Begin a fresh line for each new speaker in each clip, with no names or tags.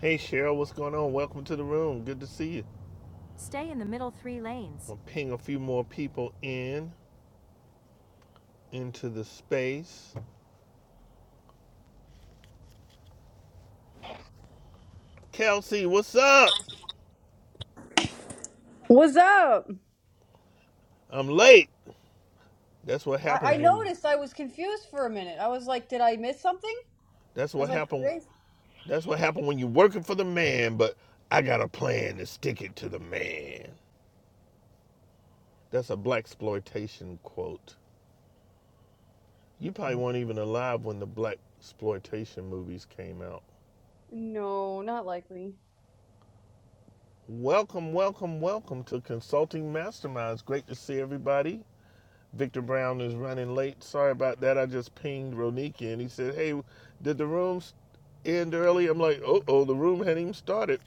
Hey Cheryl, what's going on? Welcome to the room. Good to see you. Stay in the middle three lanes. I'm ping a few more people in into the space. Kelsey, what's up?
What's up?
I'm late. That's what
I, I
happens when you.
noticed I was confused for a minute. I was like, did I miss something?
That's
I was
what
like,
happened.
today's.
That's what happened when you're working for the man. But I got a plan to stick it to the man. That's a black exploitation quote. You probably weren't even alive when the black exploitation movies came out.
No, not likely.
Welcome, welcome, welcome to Consulting Masterminds. Great to see everybody. Victor Brown is running late. Sorry about that. I just pinged Ronique and he said, Hey, did the room end early? I'm like, Oh, oh, the room hadn't even started.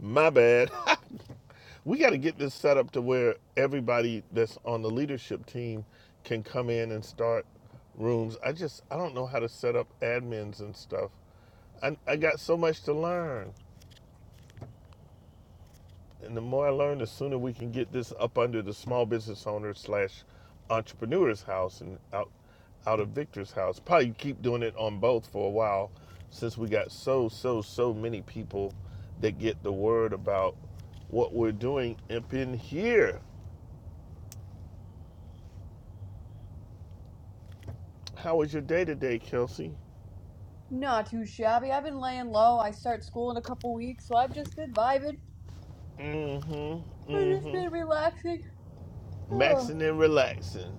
My bad. we got to get this set up to where everybody that's on the leadership team can come in and start rooms. I just, I don't know how to set up admins and stuff. I, I got so much to learn. And the more I learn, the sooner we can get this up under the small business owner slash entrepreneur's house and out." out of Victor's house. Probably keep doing it on both for a while since we got so, so, so many people that get the word about what we're doing up in here. How was your day today, Kelsey?
Not too shabby. I've been laying low. I start school in a couple weeks, so I've just been vibing.
Mm-hmm.
I've just been
Mm-hmm.
relaxing. Oh,
Maxing and relaxing.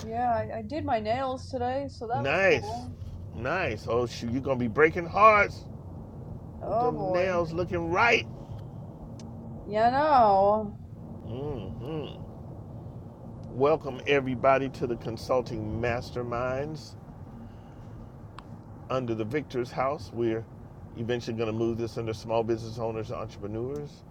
yeah, I, I did my nails today, so that was
Nice.
cool.
Nice. Oh shoot, you're gonna be breaking hearts with
Oh
them
boy.
nails looking right.
Yeah, no.
Mm-hmm. Welcome everybody to the Consulting Masterminds. under the Victor's House. We're eventually going to move this under small business owners and entrepreneurs.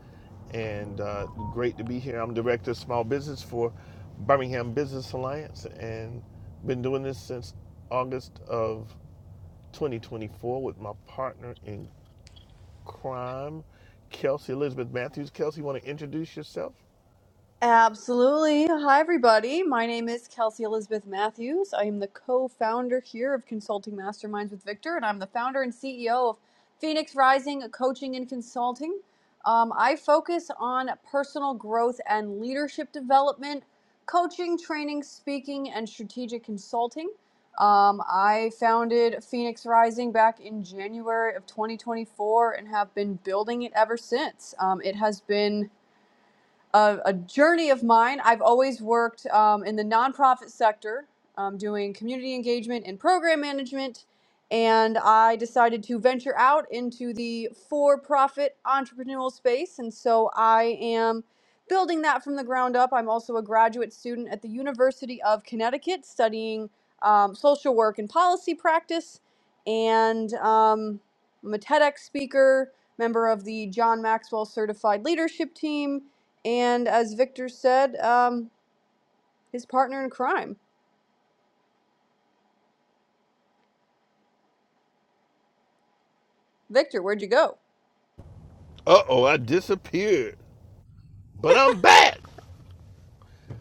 And uh, great to be here. I'm director of small business for Birmingham Business Alliance and been doing this since August of 2024 with my partner in crime, Kelsey Elizabeth Matthews. Kelsey, you want to introduce yourself?
Absolutely. Hi, everybody. My name is Kelsey Elizabeth Matthews. I am the co founder here of Consulting Masterminds with Victor, and I'm the founder and CEO of Phoenix Rising Coaching and Consulting. Um, I focus on personal growth and leadership development, coaching, training, speaking, and strategic consulting. Um, I founded Phoenix Rising back in January of 2024 and have been building it ever since. Um, it has been a, a journey of mine. I've always worked um, in the nonprofit sector, um, doing community engagement and program management, and I decided to venture out into the for profit entrepreneurial space. And so I am building that from the ground up. I'm also a graduate student at the University of Connecticut studying um, social work and policy practice, and um, I'm a TEDx speaker. Member of the John Maxwell Certified Leadership Team, and as Victor said, um, his partner in crime. Victor, where'd you go?
Uh oh, I disappeared, but I'm back.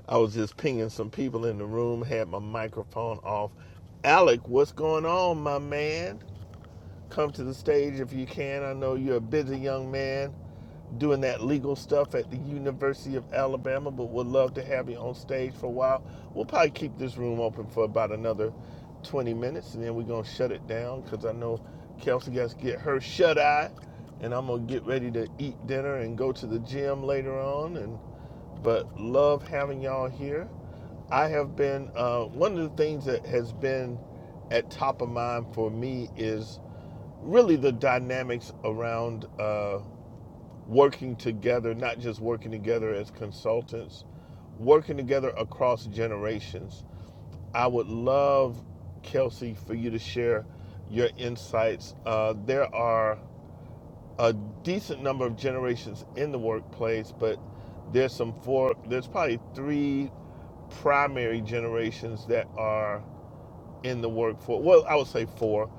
I was just pinging some people in the room, had my microphone off. Alec, what's going on, my man? Come to the stage if you can. I know you're a busy young man doing that legal stuff at the University of Alabama, but would love to have you on stage for a while. We'll probably keep this room open for about another 20 minutes and then we're going to shut it down because I know Kelsey got to get her shut eye and I'm going to get ready to eat dinner and go to the gym later on. And But love having y'all here. I have been uh, one of the things that has been at top of mind for me is really the dynamics around uh, working together, not just working together as consultants, working together across generations. I would love, Kelsey, for you to share your insights. Uh, there are a decent number of generations in the workplace, but there's some four, there's probably three primary generations that are in the workforce. Well, I would say four.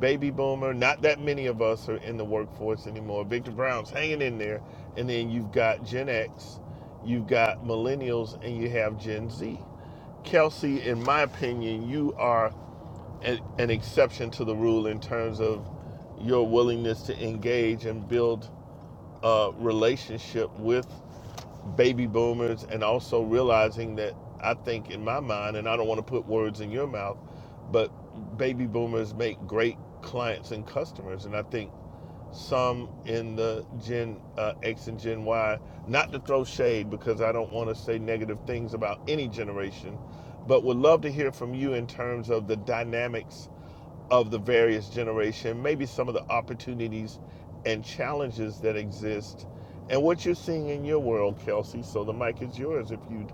Baby boomer, not that many of us are in the workforce anymore. Victor Brown's hanging in there. And then you've got Gen X, you've got millennials, and you have Gen Z. Kelsey, in my opinion, you are an, an exception to the rule in terms of your willingness to engage and build a relationship with baby boomers and also realizing that I think in my mind, and I don't want to put words in your mouth, but baby boomers make great clients and customers. And I think some in the Gen uh, X and Gen Y. Not to throw shade because I don't want to say negative things about any generation, but would love to hear from you in terms of the dynamics of the various generation, maybe some of the opportunities and challenges that exist, and what you're seeing in your world, Kelsey. So the mic is yours if you'd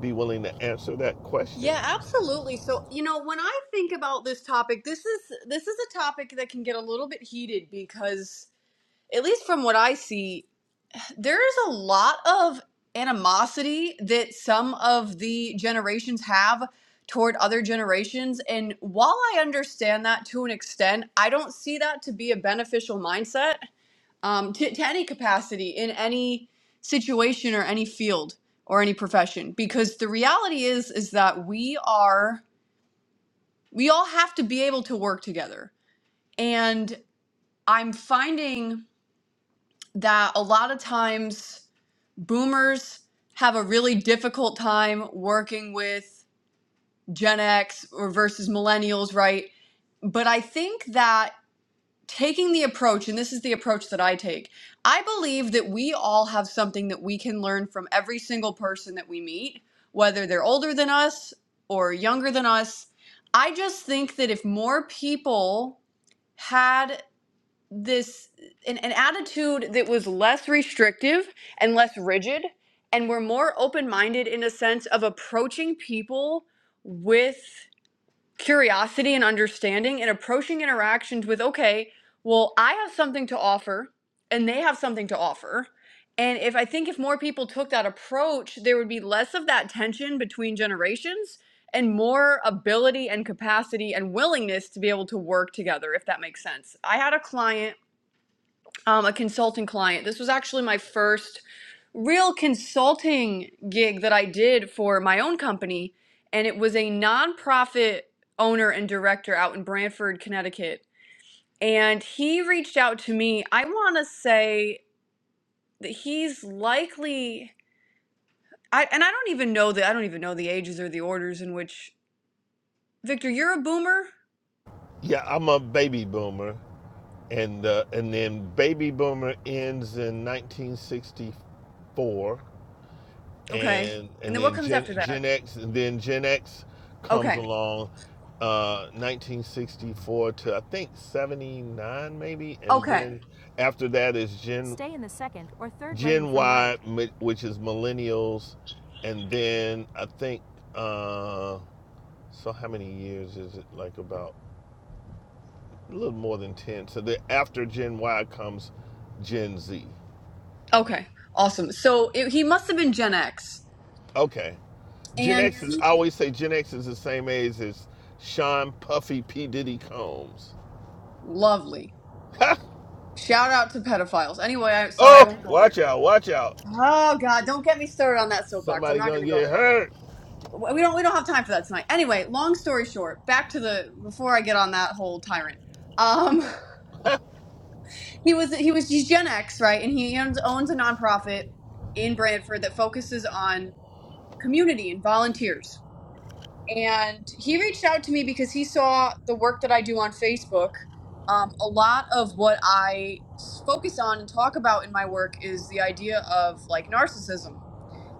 be willing to answer that question.
Yeah, absolutely. So, you know, when I think about this topic, this is this is a topic that can get a little bit heated because at least from what I see, there is a lot of animosity that some of the generations have toward other generations, and while I understand that to an extent, I don't see that to be a beneficial mindset. um, to, to any capacity in any situation or any field or any profession because the reality is is that we are we all have to be able to work together and i'm finding that a lot of times boomers have a really difficult time working with gen x or versus millennials right but i think that taking the approach, and this is the approach that I take, I believe that we all have something that we can learn from every single person that we meet, whether they're older than us or younger than us. I just think that if more people had this an, an attitude that was less restrictive and less rigid and were more open-minded in a sense of approaching people with curiosity and understanding and approaching interactions with okay well i have something to offer and they have something to offer and if i think if more people took that approach there would be less of that tension between generations and more ability and capacity and willingness to be able to work together if that makes sense i had a client um, a consulting client. This was actually my first real consulting gig that I did for my own company, and it was a nonprofit owner and director out in Brantford, Connecticut. And he reached out to me. I want to say that he's likely, I, and I don't even know the, I don't even know the ages or the orders in which. Victor, you're a boomer,
Yeah, I'm a baby boomer. and uh, and then Baby Boomer ends in 1964,
okay?
and
And
and
then what
then
comes
Gen
after that?
Gen X, and then Gen X comes
Okay,
along, uh, 1964 to I think 79 maybe, and
okay,
then after that is Gen Stay in the second or third lane Gen from Y, right. mi- which is millennials, and then I think uh, so. How many years is it? Like about? a little more than 10. So then after Gen Y comes Gen Z.
okay. Awesome. So it, he must have been Gen X,
Okay. Gen
and
X
he
is, I always say Gen X is the same age as Sean Puffy P. Diddy Combs.
Lovely. Shout out to pedophiles. Anyway, I am sorry, I
oh,
won't go there.
watch out, watch out.
Oh God, don't get me started on that soapbox. I'm
Somebody
not going
gonna
to go
get
there right
hurt.
now. We don't we don't have time for that tonight. Anyway, long story short, back to the before I get on that whole tyrant. Um, he was he was he's Gen X, right? And he owns, owns a nonprofit in Brantford that focuses on community and volunteers and he reached out to me because he saw the work that I do on Facebook. Um, a lot of what I s- focus on and talk about in my work is the idea of like narcissism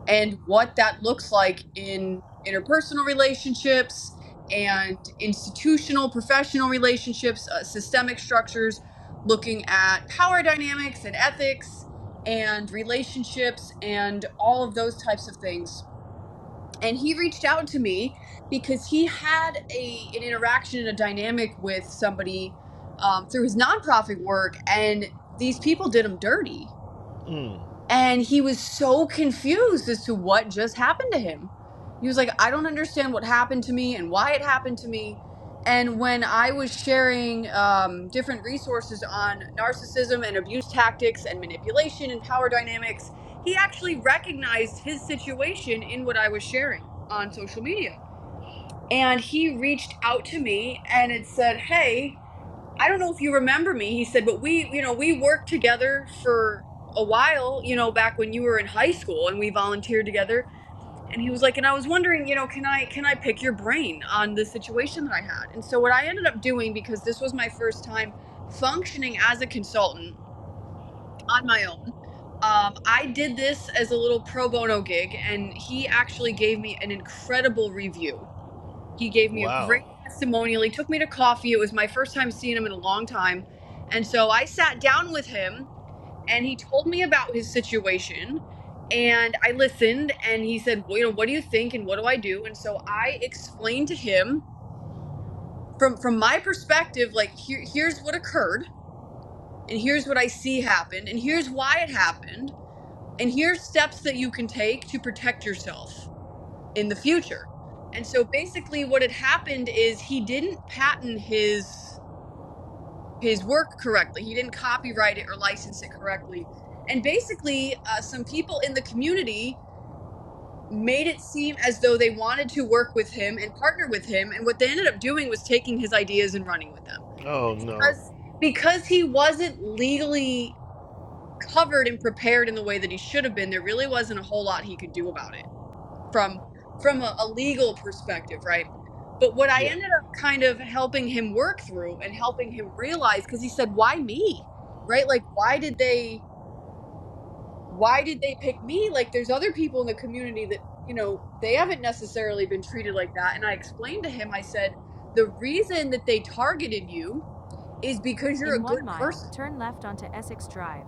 and what that looks like in interpersonal relationships and institutional, professional relationships, uh, systemic structures, looking at power dynamics and ethics and relationships and all of those types of things and he reached out to me because he had a an interaction and a dynamic with somebody um, through his nonprofit work, and these people did him dirty
Mm,
and he was so confused as to what just happened to him. He was like, I don't understand what happened to me and why it happened to me. And when I was sharing um, different resources on narcissism and abuse tactics and manipulation and power dynamics, he actually recognized his situation in what I was sharing on social media. And he reached out to me and had said, Hey, I don't know if you remember me. He said, but we, you know, we worked together for a while, you know, back when you were in high school and we volunteered together. And he was like, and I was wondering, you know, can I can I pick your brain on the situation that I had? And so what I ended up doing because this was my first time functioning as a consultant on my own, um, I did this as a little pro bono gig, and he actually gave me an incredible review he gave me a great
wow.
testimonial. He took me to coffee. It was my first time seeing him in a long time. And so I sat down with him and he told me about his situation. And I listened and he said, well, you know, what do you think and what do I do? And so I explained to him from from my perspective, like here, here's what occurred, and here's what I see happened, and here's why it happened, and here's steps that you can take to protect yourself in the future. And so basically what had happened is he didn't patent his his work correctly. He didn't copyright it or license it correctly. And basically uh, some people in the community made it seem as though they wanted to work with him and partner with him and what they ended up doing was taking his ideas and running with them.
Oh
And
no.
because because he wasn't legally covered and prepared in the way that he should have been, there really wasn't a whole lot he could do about it from from a, a legal perspective, right? But what I
Yeah.
ended up kind of helping him work through and helping him realize because he said, "Why me?" Right? Like, why did they why did they pick me? Like, there's other people in the community that you know they haven't necessarily been treated like that. And I explained to him, I said, the reason that they targeted you is because you're a
In one
good person
mile, turn left onto Essex Drive.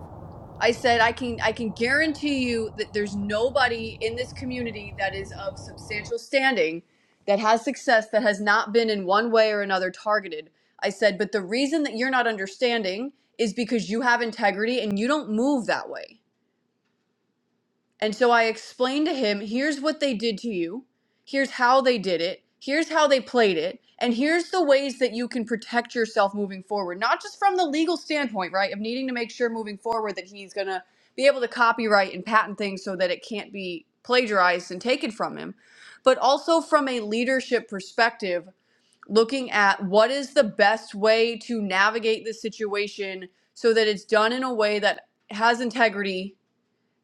I said I can I can guarantee you that there's nobody in this community that is of substantial standing that has success that has not been in one way or another targeted. I said, but the reason that you're not understanding is because you have integrity and you don't move that way. And so I explained to him here's what they did to you, here's how they did it, here's how they played it, and here's the ways that you can protect yourself moving forward. Not just from the legal standpoint, right, of needing to make sure moving forward that he's going to be able to copyright and patent things so that it can't be plagiarized and taken from him, but also from a leadership perspective, looking at what is the best way to navigate the situation so that it's done in a way that has integrity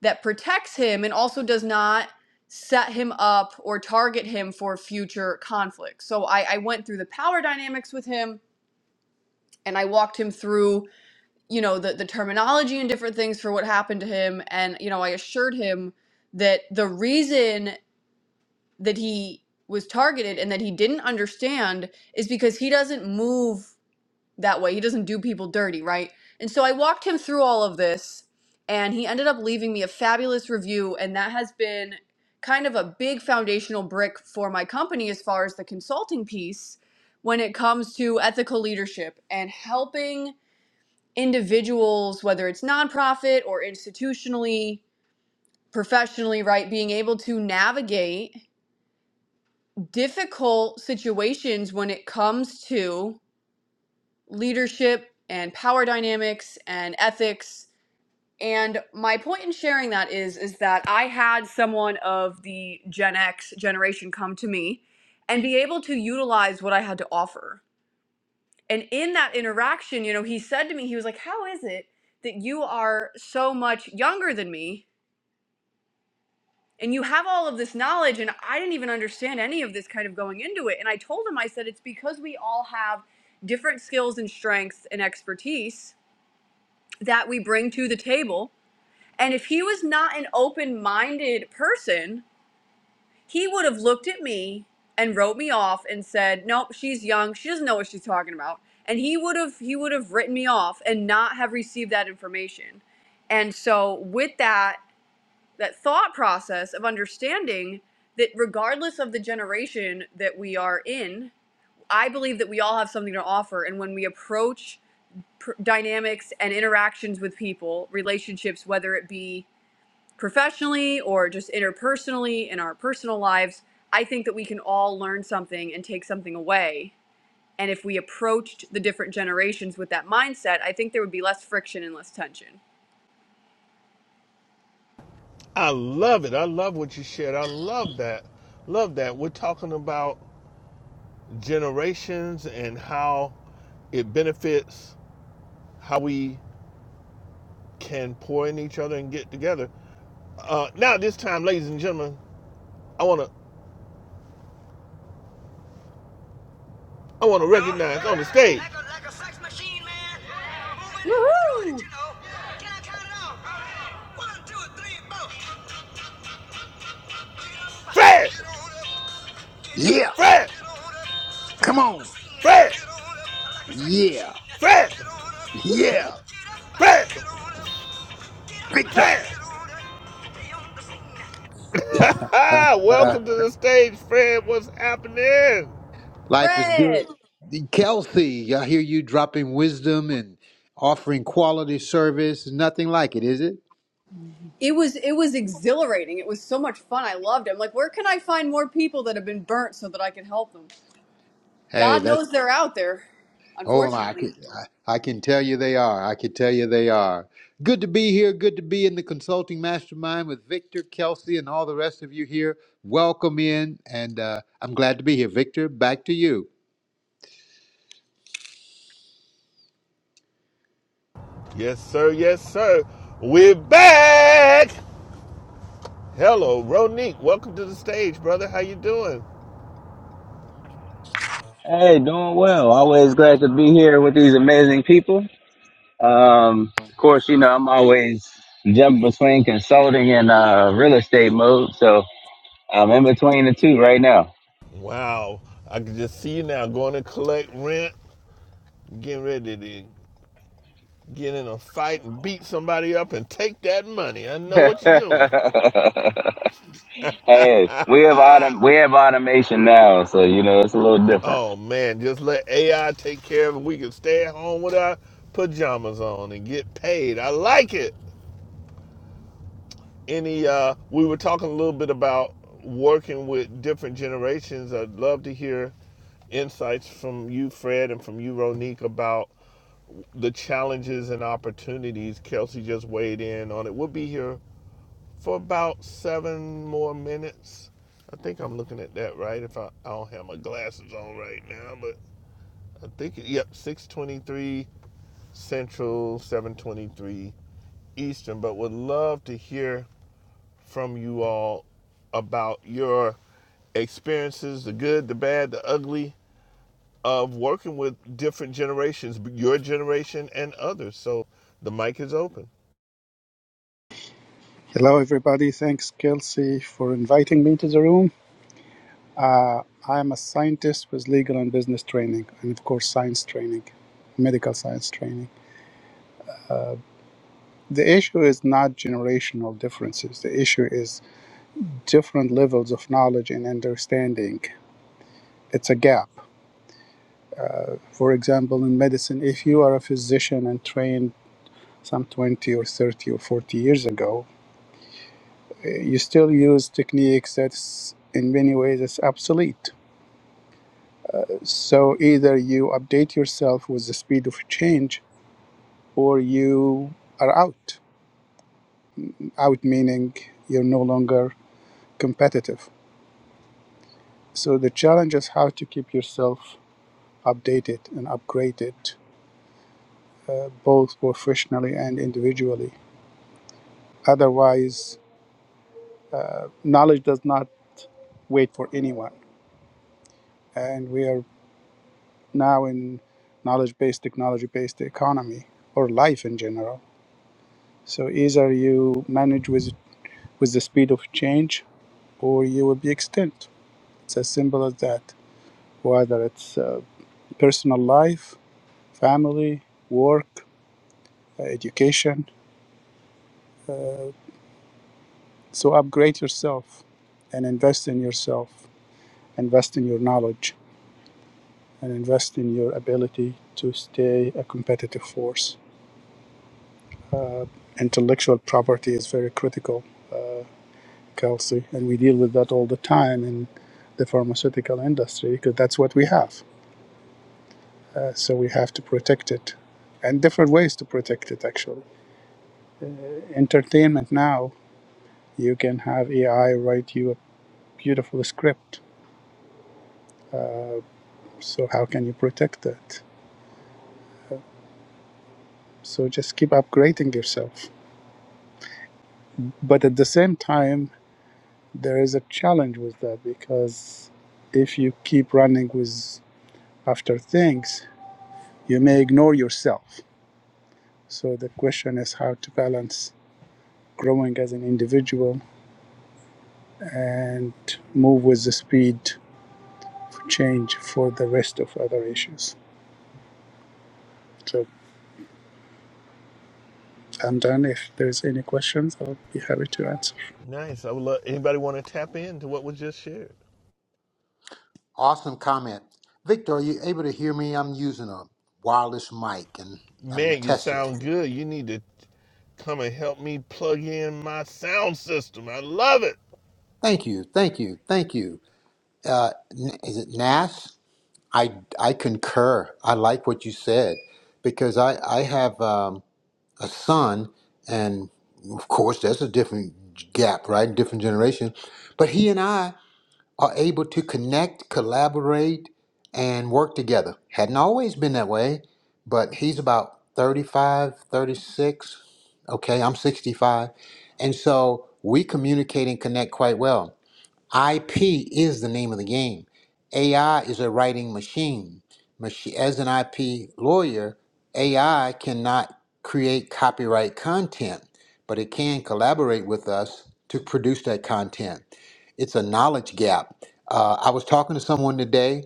that protects him and also does not set him up or target him for future conflict. So I, I went through the power dynamics with him and I walked him through, you know, the, the terminology and different things for what happened to him. And, you know, I assured him that the reason that he was targeted and that he didn't understand is because he doesn't move that way. He doesn't do people dirty, right? And so I walked him through all of this, and he ended up leaving me a fabulous review, and that has been kind of a big foundational brick for my company as far as the consulting piece when it comes to ethical leadership and helping individuals, whether it's nonprofit or institutionally, professionally, right, being able to navigate difficult situations when it comes to leadership and power dynamics and ethics. And my point in sharing that is is that I had someone of the Gen X generation come to me and be able to utilize what I had to offer. And in that interaction, you know, he said to me, he was like, "How is it that you are so much younger than me and you have all of this knowledge and I didn't even understand any of this kind of going into it?" And I told him I said it's because we all have different skills and strengths and expertise that we bring to the table. And if he was not an open minded person, he would have looked at me and wrote me off and said, Nope, she's young. She doesn't know what she's talking about. And he would have he would have written me off and not have received that information. And so with that that thought process of understanding that regardless of the generation that we are in, I believe that we all have something to offer. And when we approach pr- dynamics and interactions with people, relationships, whether it be professionally or just interpersonally in our personal lives, I think that we can all learn something and take something away. And if we approached the different generations with that mindset, I think there would be less friction and less tension.
I love it. I love what you shared. I love that. Love that. We're talking about generations and how it benefits how we can pour in each other and get together. Uh, now, this time, ladies and gentlemen, I wanna I wanna recognize on the stage. Like a, like a sex machine, man. Moving, doing it,
Woohoo!
you know. Can I count it off? One, two, three, four. Fred,
Yeah,
Fred,
come on.
Fred,
Yeah, yeah,
Fred,
Victor.
Fred, Fred.
Uh, uh,
Welcome to the stage, Fred. What's happening?
life is good.
Fred!
Kelsey, I hear you dropping wisdom and offering quality service. Nothing like it, is it?
It was it was exhilarating. It was so much fun. I loved it. I'm like, where can I find more people that have been burnt so that I can help them?
Hey,
God
that's
knows they're out there,
hold on. I
unfortunately.
can I, I can tell you they are. I can tell you they are. Good to be here. Good to be in the consulting mastermind with Victor, Kelsey, and all the rest of you here. Welcome in, and uh, I'm glad to be here. Victor, back to you.
Yes, sir. Yes, sir. We're back. Hello, Ronique. Welcome to the stage, brother. How you doing?
Hey, doing well. Always glad to be here with these amazing people. Um, of course, you know, I'm always jumping between consulting and uh, real estate mode. So I'm in between the two right now.
Wow. I can just see you now going to collect rent, getting ready to get in a fight and beat somebody up and take that money. I know what you're doing.
hey, we have autom- we have automation now, so you know it's a little different.
Oh man, just let AI take care of it. We can stay at home with our pajamas on and get paid. I like it. any uh we were talking a little bit about working with different generations i'd love to hear insights from you fred and from you ronique about the challenges and opportunities kelsey just weighed in on it we'll be here for about seven more minutes i think i'm looking at that right if i, I don't have my glasses on right now but i think it, yep 623 central 723 eastern but would love to hear from you all about your experiences the good, the bad, the ugly of working with different generations, your generation and others. So the mic is open.
Hello, everybody. Thanks, Kelsey, for inviting me to the room. I am a scientist with legal and business training, and of course, science training, medical science training. The issue is not generational differences, the issue is different levels of knowledge and understanding. It's a gap. For example, in medicine, if you are a physician and trained some 20 or 30 or 40 years ago, eh, you still use techniques that's in many ways is obsolete So either you update yourself with the speed of change or you are out. Out meaning you're no longer competitive. So the challenge is how to keep yourself updated and upgraded, uh, both professionally and individually. Otherwise, knowledge does not wait for anyone. And we are now in knowledge based, technology based economy or life in general. So either you manage with, with the speed of change or you will be extinct. It's as simple as that. Whether it's uh, personal life, family, work, uh, education. Uh, so upgrade yourself and invest in yourself, invest in your knowledge, and invest in your ability to stay a competitive force. Intellectual property is very critical, Kelsey, and we deal with that all the time in the pharmaceutical industry because that's what we have. Uh, so we have to protect it and different ways to protect it, actually. entertainment now you can have ai write you a beautiful script uh, so how can you protect that so just keep upgrading yourself but at the same time there is a challenge with that because if you keep running with after things you may ignore yourself so the question is how to balance growing as an individual and move with the speed of change for the rest of other issues So. And then if there's any questions, I'll be happy to answer.
Nice. I would love anybody want to tap into what was just shared.
Awesome comment. Victor, are you able to hear me? I'm using a wireless mic and I'm
Man, you
testing it.
sound good. You need to come and help me plug in my sound system. I love it.
Thank you, thank you, thank you. Uh, N- is it Nas? I, I concur. I like what you said because I, I have um, a son, and of course, that's a different gap, right? Different generation. But he and I are able to connect, collaborate, and work together. Hadn't always been that way, but he's about 35, 36. Okay, I'm 65. And so we communicate and connect quite well. IP is the name of the game. AI is a writing machine. Machi- As an IP lawyer, AI cannot create copyright content, but it can collaborate with us to produce that content. It's a knowledge gap. Uh, I was talking to someone today.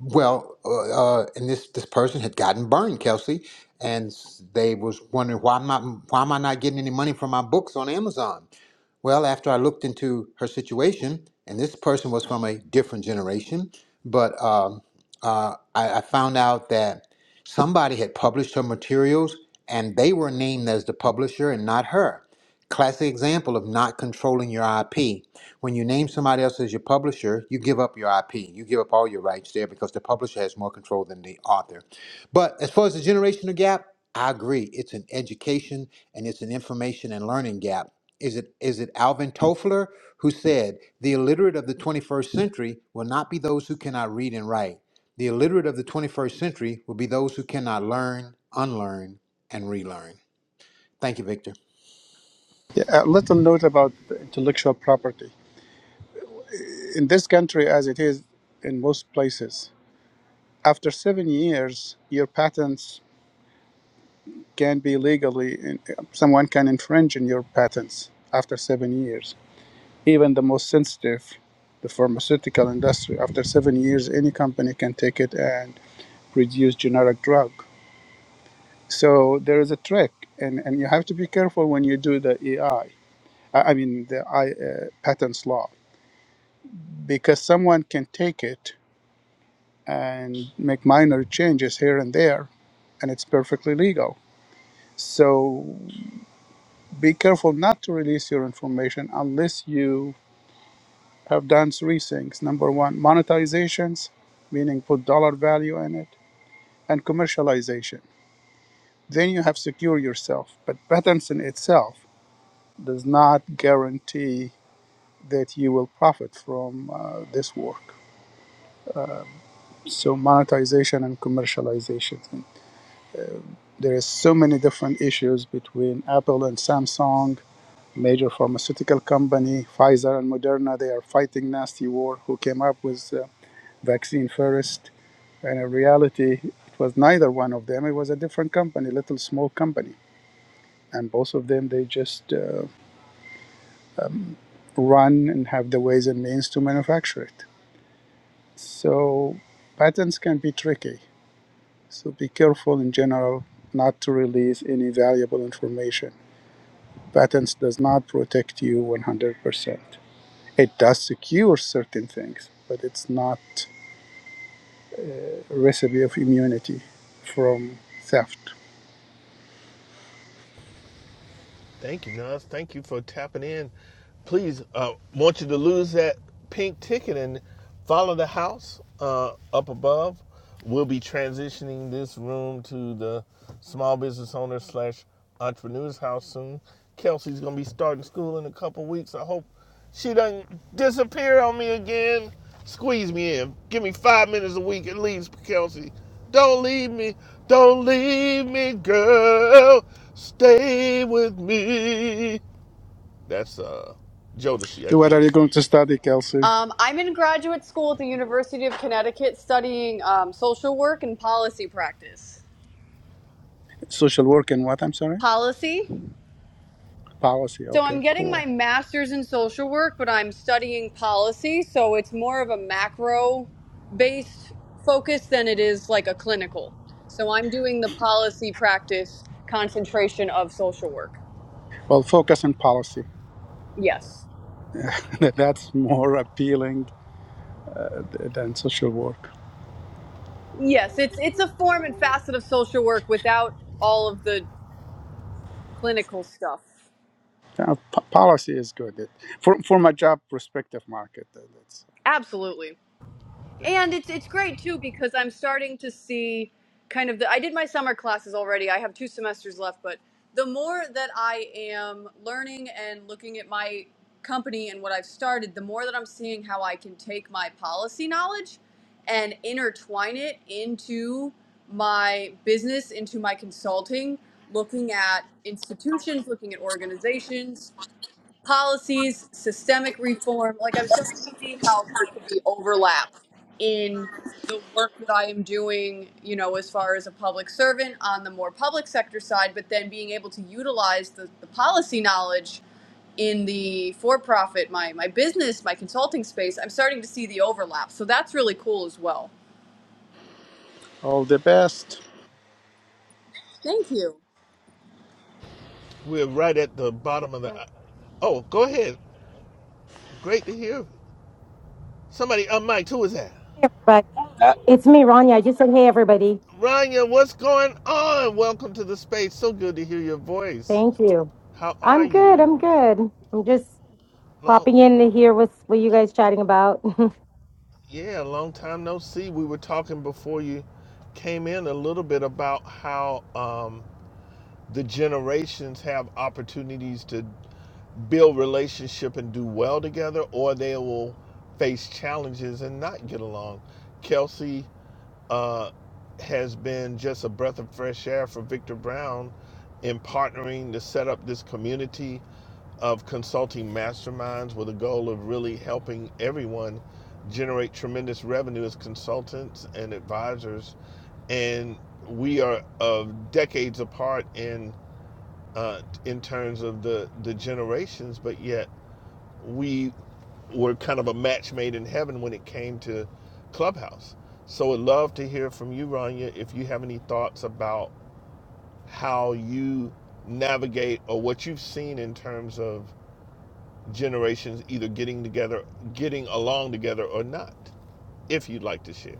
Well, uh, uh, and this this person had gotten burned, Kelsey, and s- they was wondering why am I why am I not getting any money from my books on Amazon? Well, after I looked into her situation, and this person was from a different generation, but um, uh, I, I found out that somebody had published her materials and they were named as the publisher and not her. Classic example of not controlling your IP. When you name somebody else as your publisher, you give up your IP. You give up all your rights there because the publisher has more control than the author. But as far as the generational gap, I agree. It's an education and it's an information and learning gap. Is it is it Alvin Toffler who said the illiterate of the 21st century will not be those who cannot read and write. The illiterate of the 21st century will be those who cannot learn, unlearn, and relearn. Thank you, Victor.
Yeah, a little note about the intellectual property. In this country, as it is in most places, after seven years, your patents can be legally, someone can infringe on your patents after seven years. Even the most sensitive, the pharmaceutical industry, after seven years, any company can take it and produce generic drug. So there is a trick, and, and you have to be careful when you do the AI I I mean, the I, uh, patents law, because someone can take it and make minor changes here and there, and it's perfectly legal. So be careful not to release your information unless you have done three things. Number one, monetizations, meaning put dollar value in it, and commercialization. Then you have secure yourself. But patents in itself does not guarantee that you will profit from uh, this work. So monetization and commercialization. There is so many different issues between Apple and Samsung, major pharmaceutical company, Pfizer and Moderna. They are fighting nasty war. Who came up with uh, vaccine first? And in reality, it was neither one of them. It was a different company, little small company, and both of them they just uh, run and have the ways and means to manufacture it. So patents can be tricky So be careful in general not to release any valuable information. Patents does not protect you 100%. It does secure certain things, but it's not a recipe of immunity from theft.
Thank you, Nas. Thank you for tapping in. Please, uh, want you to lose that pink ticket and follow the house uh, up above. We'll be transitioning this room to the small business owner slash entrepreneurs house soon. Kelsey's gonna be starting school in a couple weeks. I hope she done disappear on me again. Squeeze me in. Give me five minutes a week at least, Kelsey. Don't leave me. Don't leave me, girl. Stay with me. That's uh Jodeci. I
So what
can't.
are you
s-
going to study, Kelsey?
Um, I'm in graduate school at the University of Connecticut studying um, social work and policy practice.
Social work and what? I'm sorry?
Policy?
Policy.
So I'm
Okay,
getting my
cool.
master's in social work, but I'm studying policy, so it's more of a macro based focus than it is like a clinical. So I'm doing the policy practice concentration of social work.
Well, focus on policy.
Yes.
That's more appealing uh, than social work.
Yes, it's it's a form and facet of social work without all of the clinical stuff.
Uh, po- policy is good. It, for from a job perspective, market, uh, that's
Absolutely. and it's it's great too because I'm starting to see kind of the I did my summer classes already. I have two semesters left, but the more that I am learning and looking at my company and what I've started, the more that I'm seeing how I can take my policy knowledge and intertwine it into my business, into my consulting, looking at institutions, looking at organizations, policies, systemic reform. Like I'm starting to see how there could be overlap in the work that I am doing, you know, as far as a public servant on the more public sector side, but then being able to utilize the, the policy knowledge in the for profit, my my business, my consulting space, I'm starting to see the overlap. So that's really cool as well.
All the best.
Thank you.
We're right at the bottom of the. Oh, go ahead. Great to hear. Somebody on mic. Who is that?
everybody.
Uh,
It's me, Rania. I just said, hey, everybody.
Rania, what's going on? Welcome to the space. So good to hear your voice.
Thank you.
How are
I'm good.
you?
I'm good. I'm just
Hello.
popping in to hear what's, what you guys chatting about.
Yeah, a long time no see. We were talking before you came in a little bit about how um, the generations have opportunities to build relationship and do well together, or they will face challenges and not get along. Kelsey uh, has been just a breath of fresh air for Victor Brown in partnering to set up this community of consulting masterminds with a goal of really helping everyone generate tremendous revenue as consultants and advisors. And we are of decades apart in uh, in terms of the the generations, but yet we were kind of a match made in heaven when it came to Clubhouse. So I'd love to hear from you, Rania, if you have any thoughts about how you navigate or what you've seen in terms of generations either getting together, getting along together or not, if you'd like to share.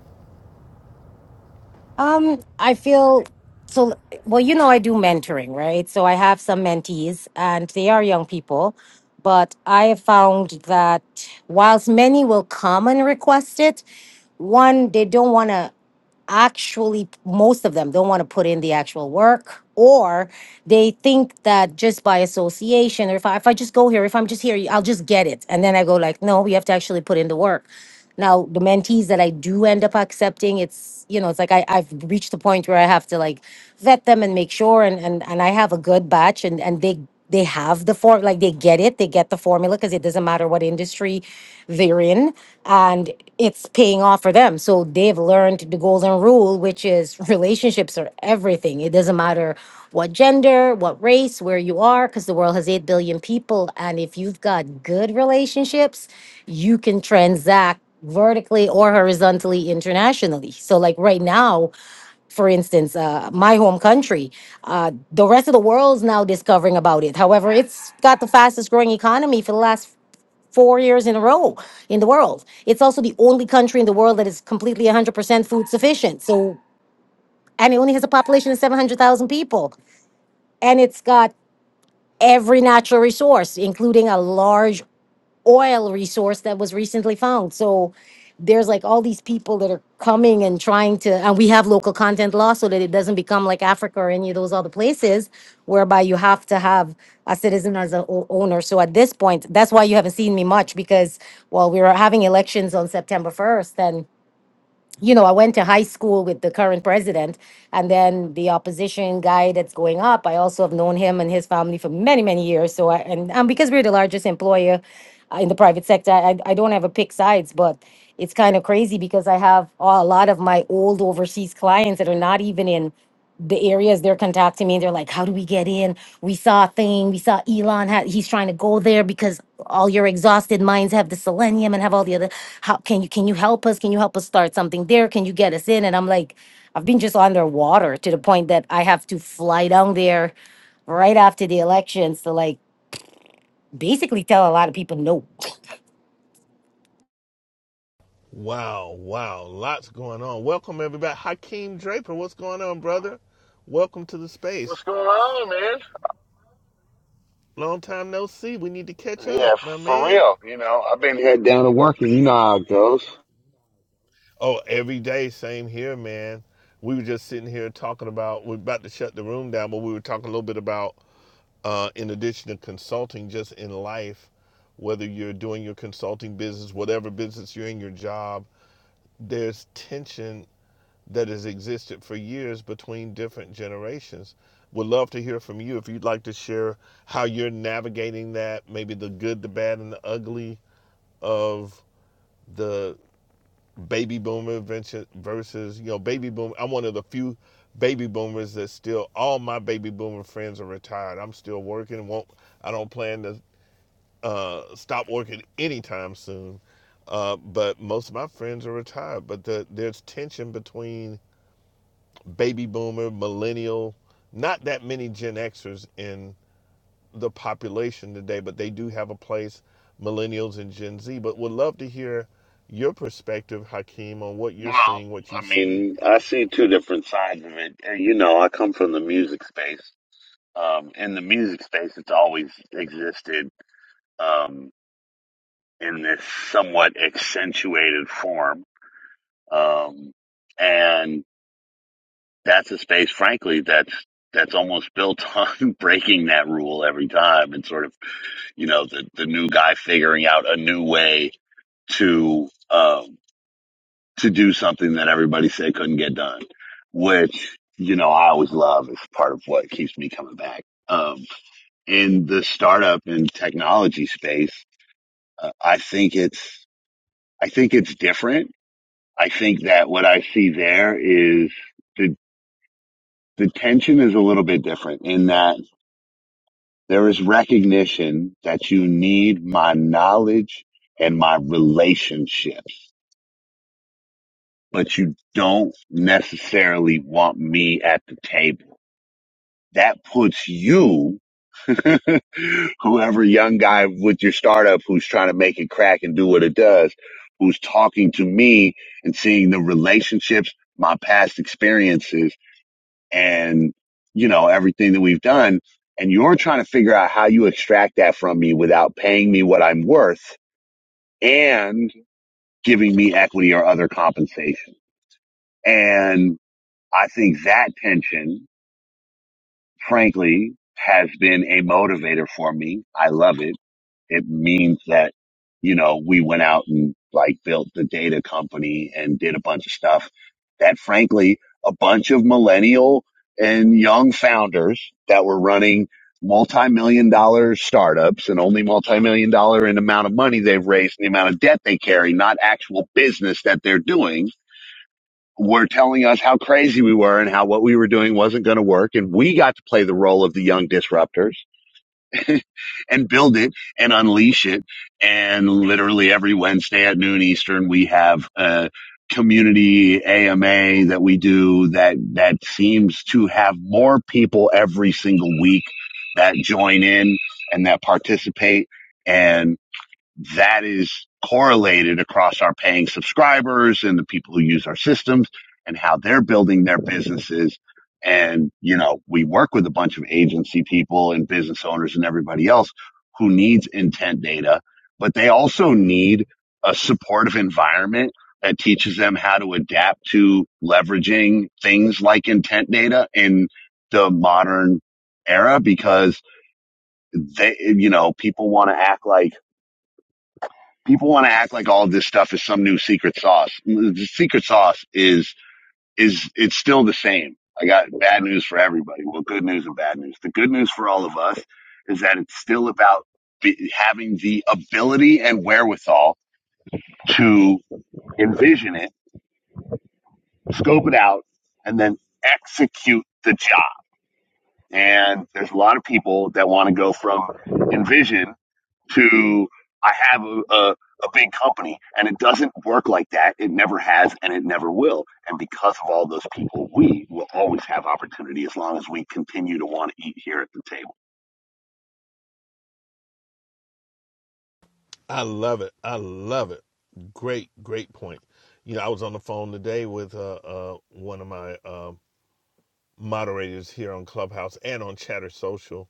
um, I feel so, well, you know, I do mentoring, right? So I have some mentees and they are young people, but I have found that whilst many will come and request it, one, they don't want to. actually most of them don't want to put in the actual work or they think that just by association or if I, if I just go here if i'm just here i'll just get it and then i go like no we have to actually put in the work now the mentees that i do end up accepting it's you know it's like I, i've reached the point where i have to like vet them and make sure and and, and i have a good batch and and they they have the form like they get it they get the formula because it doesn't matter what industry they're in and it's paying off for them so they've learned the golden rule which is relationships are everything it doesn't matter what gender what race where you are because the world has 8 billion people and if you've got good relationships you can transact vertically or horizontally internationally so like right now for instance, uh, my home country. Uh, the rest of the world's now discovering about it. However, it's got the fastest growing economy for the last four years in a row in the world. It's also the only country in the world that is completely 100% food sufficient. So, and it only has a population of 700,000 people. And it's got every natural resource, including a large oil resource that was recently found. So there's like all these people that are coming and trying to, and we have local content law so that it doesn't become like Africa or any of those other places whereby you have to have a citizen as an owner. So at this point, that's why you haven't seen me much because, well, we were having elections on September 1st and you know, I went to high school with the current president, and then the opposition guy that's going up. I also have known him and his family for many, many years. So, I, and um, because we're the largest employer uh, in the private sector, I, I don't ever pick sides, but it's kind of crazy because I have a lot of my old overseas clients that are not even in the areas they're contacting me they're like how do we get in we saw a thing we saw elon had he's trying to go there because all your exhausted minds have the selenium and have all the other how can you can you help us can you help us start something there can you get us in and i'm like i've been just underwater to the point that i have to fly down there right after the elections to like basically tell a lot of people no
Wow, wow, lots going on. Welcome everybody. Hakeem Draper, what's going on, brother? Welcome to the space.
What's going on, man?
Long time no see. We need to catch
Yeah,
up, my
for
man.
real. You know, I've been head down to work, and you know how it goes.
Oh, every day, same here, man. We were just sitting here talking about we're about to shut the room down, but we were talking a little bit about uh, in addition to consulting, just in life, whether you're doing your consulting business, whatever business you're in, your job, there's tension that has existed for years between different generations. Would love to hear from you if you'd like to share how you're navigating that, maybe the good, the bad, and the ugly of the baby boomer venture- versus, you know, baby boom. I'm one of the few baby boomers that still, all my baby boomer friends are retired. I'm still working. Won't I don't plan to uh, stop working anytime soon. Uh, but most of my friends are retired. But the, there's tension between baby boomer, millennial, not that many Gen Xers in the population today, but they do have a place, millennials and Gen Z. But would love to hear your perspective, Hakeem, on what you're
Well,
seeing, what you've
I
seen.
mean, I see two different sides of it. And, You know, I come from the music space. Um, in the music space, it's always existed um, in this somewhat accentuated form, um, and that's a space, frankly, that's that's almost built on breaking that rule every time and sort of you know the the new guy figuring out a new way to um, to do something that everybody said couldn't get done, which you know I always love is part of what keeps me coming back. Um, in the startup and technology space, uh, I think it's I think it's different. I think that what I see there is the the tension is a little bit different in that there is recognition that you need my knowledge and my relationships but you don't necessarily want me at the table. That puts you, whoever young guy with your startup who's trying to make it crack and do what it does, who's talking to me and seeing the relationships, my past experiences and, you know, everything that we've done. And you're trying to figure out how you extract that from me without paying me what I'm worth and giving me equity or other compensation. And I think that tension, frankly, has been a motivator for me. I love it. It means that, you know, we went out and like built the data company and did a bunch of stuff that frankly, a bunch of millennial and young founders that were running multi-million dollar startups and only multi-million dollar in amount of money they've raised and the amount of debt they carry, not actual business that they're doing were telling us how crazy we were and how what we were doing wasn't going to work. And we got to play the role of the young disruptors and build it and unleash it. And literally every Wednesday at noon Eastern, we have a community AMA that we do that, that seems to have more people every single week that join in and that participate. and that is correlated across our paying subscribers and the people who use our systems and how they're building their businesses. And, you know, we work with a bunch of agency people and business owners and everybody else who needs intent data, but they also need a supportive environment that teaches them how to adapt to leveraging things like intent data in the modern era because they, you know, people want to act like, people want to act like all of this stuff is some new secret sauce. The secret sauce is is it's still the same. I got bad news for everybody. Well, good news and bad news. The good news for all of us is that it's still about be, having the ability and wherewithal to envision it, scope it out, and then execute the job. And there's a lot of people that want to go from envision to I have a, a, a big company. And it doesn't work like that. It never has and it never will. And because of all those people, we will always have opportunity as long as we continue to want to eat here at the table.
I love it. I love it. Great, great point. You know, I was on the phone today with uh, uh, one of my um, moderators here on Clubhouse and on Chatter Social.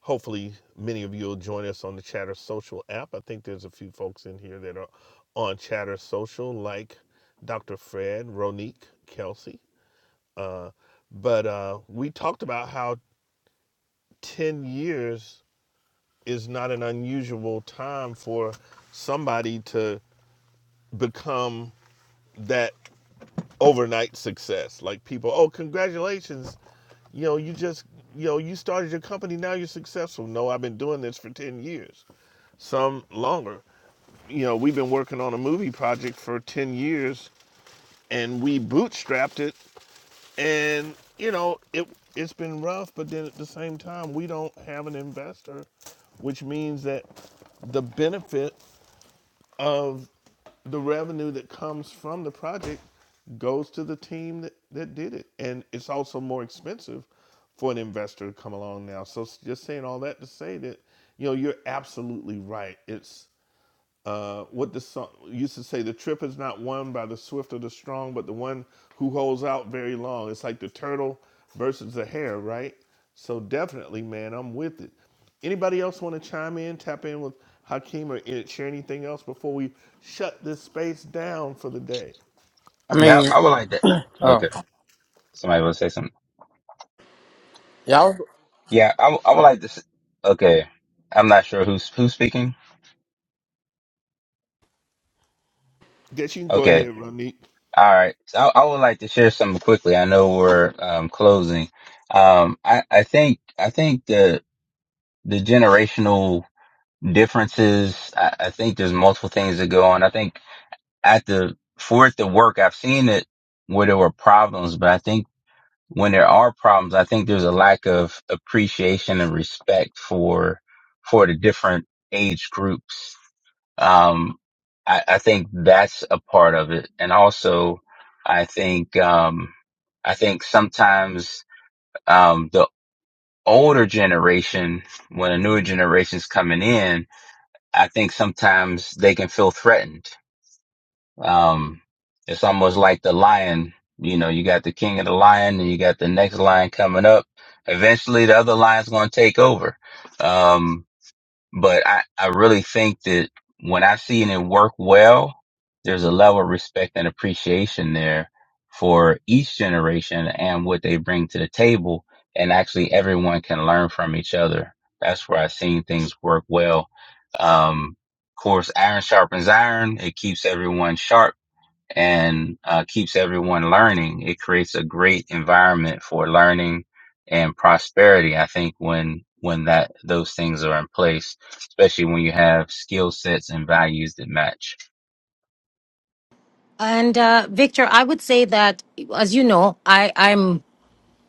Hopefully, many of you will join us on the Chatter Social app. I think there's a few folks in here that are on Chatter Social, like Dr. Fred, Ronique, Kelsey. But uh, we talked about how 10 years is not an unusual time for somebody to become that. overnight success. Like people, oh, congratulations, you know, you just, you know, you started your company, now you're successful. No, I've been doing this for 10 years, some longer. You know, we've been working on a movie project for 10 years and we bootstrapped it and, you know, it it's been rough, but then at the same time, we don't have an investor, which means that the benefit of the revenue that comes from the project goes to the team that, that did it. And it's also more expensive for an investor to come along now. So just saying all that to say that, you know, you're absolutely right. It's uh, what the song used to say the trip is not won by the swift or the strong but the one who holds out very long it's like the turtle versus the hare right so definitely man i'm with it anybody else want to chime in tap in with hakeem or i- share anything else before we shut this space down for the day
I
yeah,
mean,
I would like that.
oh,
Okay, somebody will say something.
y'all,
Yeah, I, w- I would like to. s okay, I'm not sure who's who's speaking.
guess you can go
Okay,
ahead Ronique.
All right. So I, I would like to share something quickly. I know we're um, closing. Um, I, I think I think the the generational differences. I, I think there's multiple things that go on. I think at the for it to work, I've seen it where there were problems, but I think when there are problems, I think there's a lack of appreciation and respect for for the different age groups um, I, I think that's a part of it. And also, I think, um, I think sometimes, um, the older generation, when a newer generation's coming in, I think sometimes they can feel threatened. Um, it's almost like the lion, you know, you got the king of the lion and you got the next lion coming up. Eventually the other lion's going to take over. Um, but I, I really think that when I see it work well, there's a level of respect and appreciation there for each generation and what they bring to the table. And actually everyone can learn from each other. That's where I've seen things work well. Um, of course, iron sharpens iron. It keeps everyone sharp and uh, keeps everyone learning. It creates a great environment for learning and prosperity. I think when when that those things are in place, especially when you have skill sets and values that match.
and uh victor i would say that as you know i i'm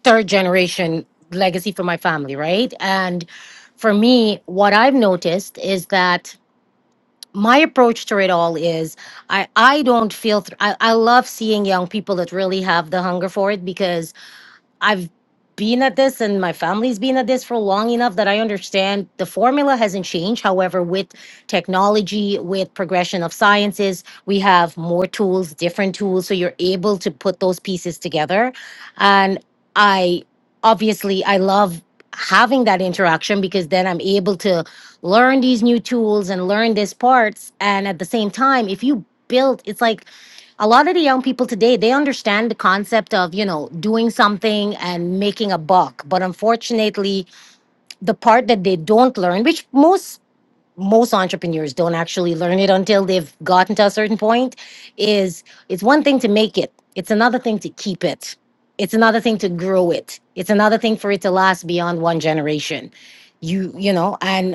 third generation legacy for my family, right? And for me, what I've noticed is that my approach to it all is I, I don't feel, th- I, I love seeing young people that really have the hunger for it because I've been at this and my family's been at this for long enough that I understand the formula hasn't changed. However, with technology, with progression of sciences, we have more tools, different tools. So you're able to put those pieces together. And I obviously I love having that interaction because then I'm able to learn these new tools and learn these parts. And at the same time, if you build, it's like a lot of the young people today they understand the concept of you know doing something and making a buck but unfortunately the part that they don't learn which most most entrepreneurs don't actually learn it until they've gotten to a certain point is it's one thing to make it it's another thing to keep it it's another thing to grow it it's another thing for it to last beyond one generation you you know and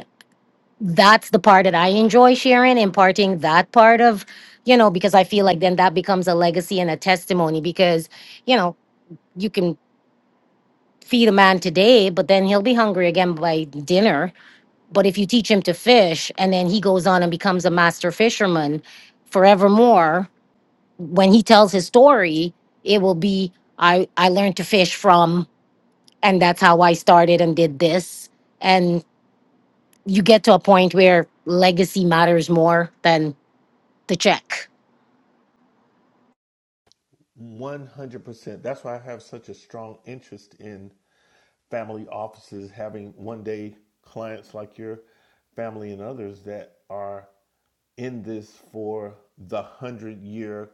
that's the part that I enjoy sharing, imparting that part of, you know, because I feel like then that becomes a legacy and a testimony because, you know, you can feed a man today, but then he'll be hungry again by dinner. But if you teach him to fish and then he goes on and becomes a master fisherman forevermore, when he tells his story, it will be I I learned to fish from and that's how I started and did this. And you get to a point where legacy matters more than the check.
100% that's why i have such a strong interest in family offices having one day clients like your family and others that are in this for the 100 year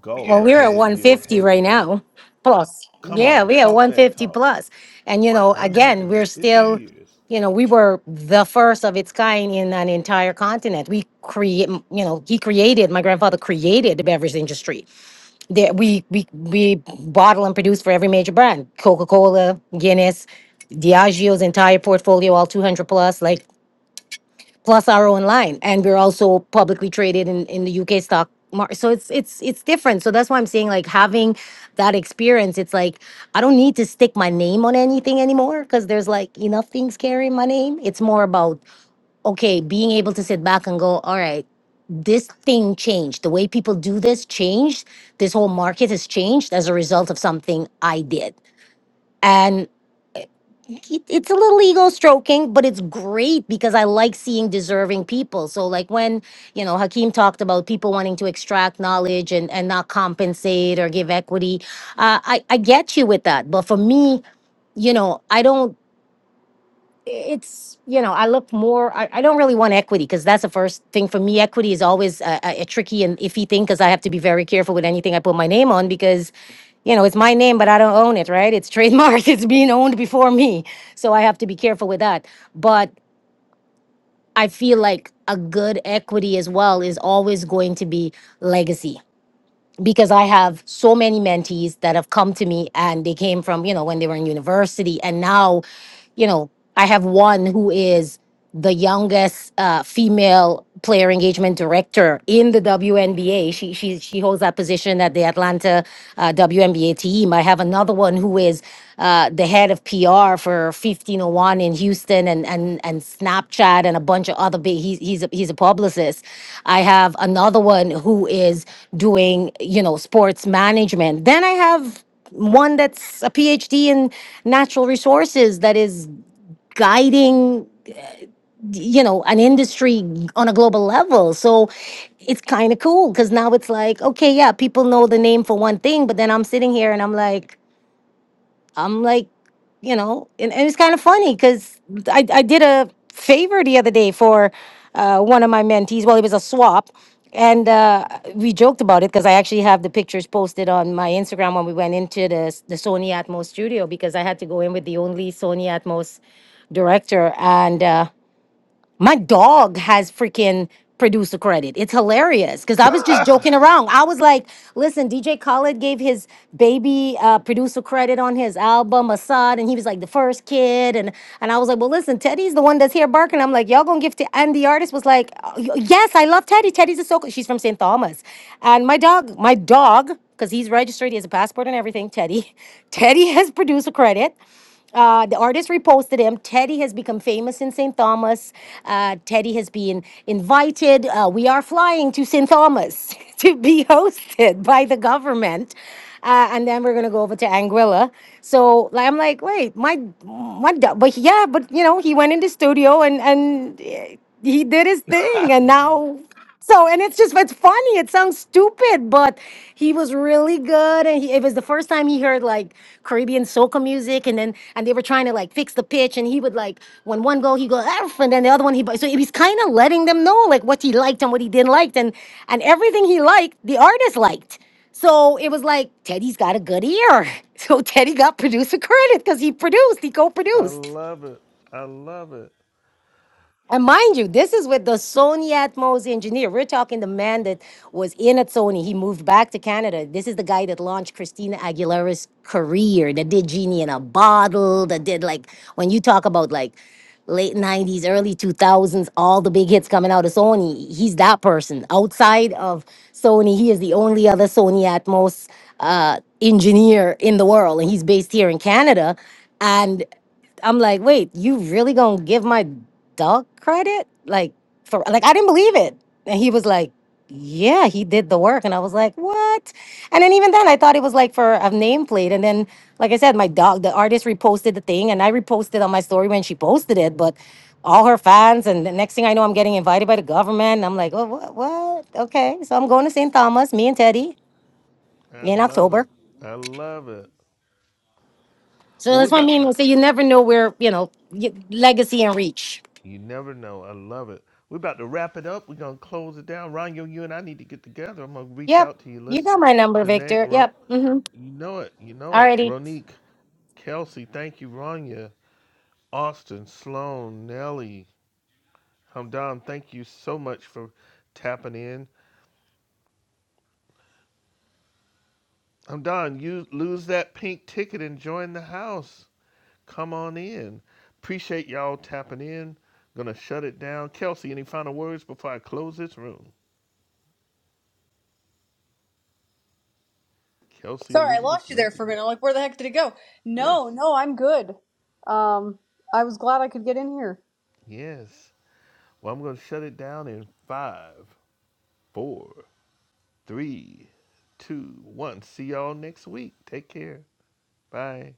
goal,
Well,
the
we're at
100 year,
150
hey,
right
we want to
now, plus.
come
Yeah,
on,
we are
talk that
150
talk.
plus. And, you know, again, we're
150
still,
years.
you know, we were the first of its kind in an entire continent. We create, you know, he created, my grandfather created the beverage industry. That we, we, we bottle and produce for every major brand Coca Cola, Guinness, Diageo's entire portfolio, all 200 plus. Like, plus our own line and we're also publicly traded in, in the uk stock market so it's it's it's different so that's why i'm saying like having that experience it's like i don't need to stick my name on anything anymore because there's like enough things carrying my name it's more about okay being able to sit back and go all right this thing changed the way people do this changed this whole market has changed as a result of something i did it, it's a little ego stroking, but it's great because I like seeing deserving people. So like when you know Hakeem talked about people wanting to extract knowledge and and not compensate or give equity, uh, I I get you with that. But for me, you know, I don't it's you know i look more i, I don't really want equity because that's the first thing for me equity is always a, a, a tricky and iffy thing because i have to be very careful with anything i put my name on because you know it's my name but i don't own it right it's trademarked it's being owned before me so i have to be careful with that but i feel like a good equity as well is always going to be legacy because I have so many mentees that have come to me and they came from, you know, when they were in university. And now, you know, I have one who is the youngest uh, female player engagement director in the WNBA. She, she, she holds that position at the Atlanta uh, WNBA team. I have another one who is uh, the head of PR for 1501 in Houston and and and Snapchat and a bunch of other big. He's he's a, he's a publicist. I have another one who is doing you know sports management. Then I have one that's a PhD in natural resources that is guiding you know an industry on a global level. So it's kind of cool because now it's like okay yeah people know the name for one thing, but then I'm sitting here and I'm like I'm like, you know, and, and it's kind of funny because I, I did a favor the other day for uh, one of my mentees. Well, it was a swap. And uh, we joked about it because I actually have the pictures posted on my Instagram when we went into the, the Sony Atmos studio because I had to go in with the only Sony Atmos director. And uh, my dog has freaking producer credit. It's hilarious because I was just joking around. I was like, listen, DJ Khaled gave his baby uh, producer credit on his album, Assad, and he was like the first kid. And, and I was like, well, listen, Teddy's the one that's here barking. I'm like, y'all gonna give to, and the artist was like, "Oh, y- yes, I love Teddy. Teddy's a so cool. She's from St. Thomas. And my dog, my dog, because he's registered, he has a passport and everything, Teddy. Teddy has producer credit. Uh, the artist reposted him. Teddy has become famous in St. Thomas. Uh, Teddy has been invited. Uh, we are flying to St. Thomas to be hosted by the government. Uh, and then we're gonna go over to Anguilla. So like, I'm like, wait, my, my, da- but yeah, but you know, he went in the studio and and eh, he did his thing, and now so, and it's just, it's funny. It sounds stupid, but he was really good. And he, it was the first time he heard like Caribbean soca music. And then, and they were trying to like fix the pitch. And he would like, when one go, he go, F, and then the other one, he, bu- so he was kind of letting them know like what he liked and what he didn't like. And, and everything he liked, the artist liked. So it was like, Teddy's got a good ear. So Teddy got producer credit because he produced, he co
I
produced.
love it. I love it.
And mind you, this is with the Sony Atmos engineer. We're talking the man that was in at Sony. He moved back to Canada. This is the guy that launched Christina Aguilera's career, that did Genie in a Bottle, that did like, when you talk about like late 90s, early 2000s, all the big hits coming out of Sony, he's that person. Outside of Sony, he is the only other Sony Atmos uh, engineer in the world, and he's based here in Canada. And I'm like, wait, you really gonna give my dog credit? Like for like I didn't believe it. And he was like, Yeah, he did the work. And I was like, What? And then even then I thought it was like for a nameplate. And then like I said, my dog, the artist reposted the thing and I reposted on my story when she posted it, but all her fans and the next thing I know I'm getting invited by the government. And I'm like, Oh what what? Okay. So I'm going to St. Thomas, me and Teddy
I
in
love it.
October.
I love it.
So
Well, we
that's what I
about
mean.
to.
when I say you never know where, you know, y- legacy and reach.
You never know. I love it. We're about to wrap it up. We're gonna close it down. Ronyo, you and I need to get together. I'm gonna reach
Yep.
out to you.
You
Let's
got my number,
connect.
Victor.
Ron,
Yep. Mm-hmm.
you know it. You know it.
Alrighty.
Ronique, Kelsey, thank you. Ronya, Austin, Sloan, Nelly, Hamdan, thank you so much for tapping in. Hamdan, you lose that pink ticket and join the house. Come on in. Appreciate y'all tapping in. Gonna shut it down. Kelsey, any final words before I close this room? Kelsey
Sorry, I
Elizabeth
lost you there for a
Matthews.
minute. I'm like, where the heck did it go?
Yes,
No, no, I'm good. Um, I was glad I could get in here.
yes. Well, I'm going to shut it down in five, four, three, two, one. See y'all next week. Take care. Bye.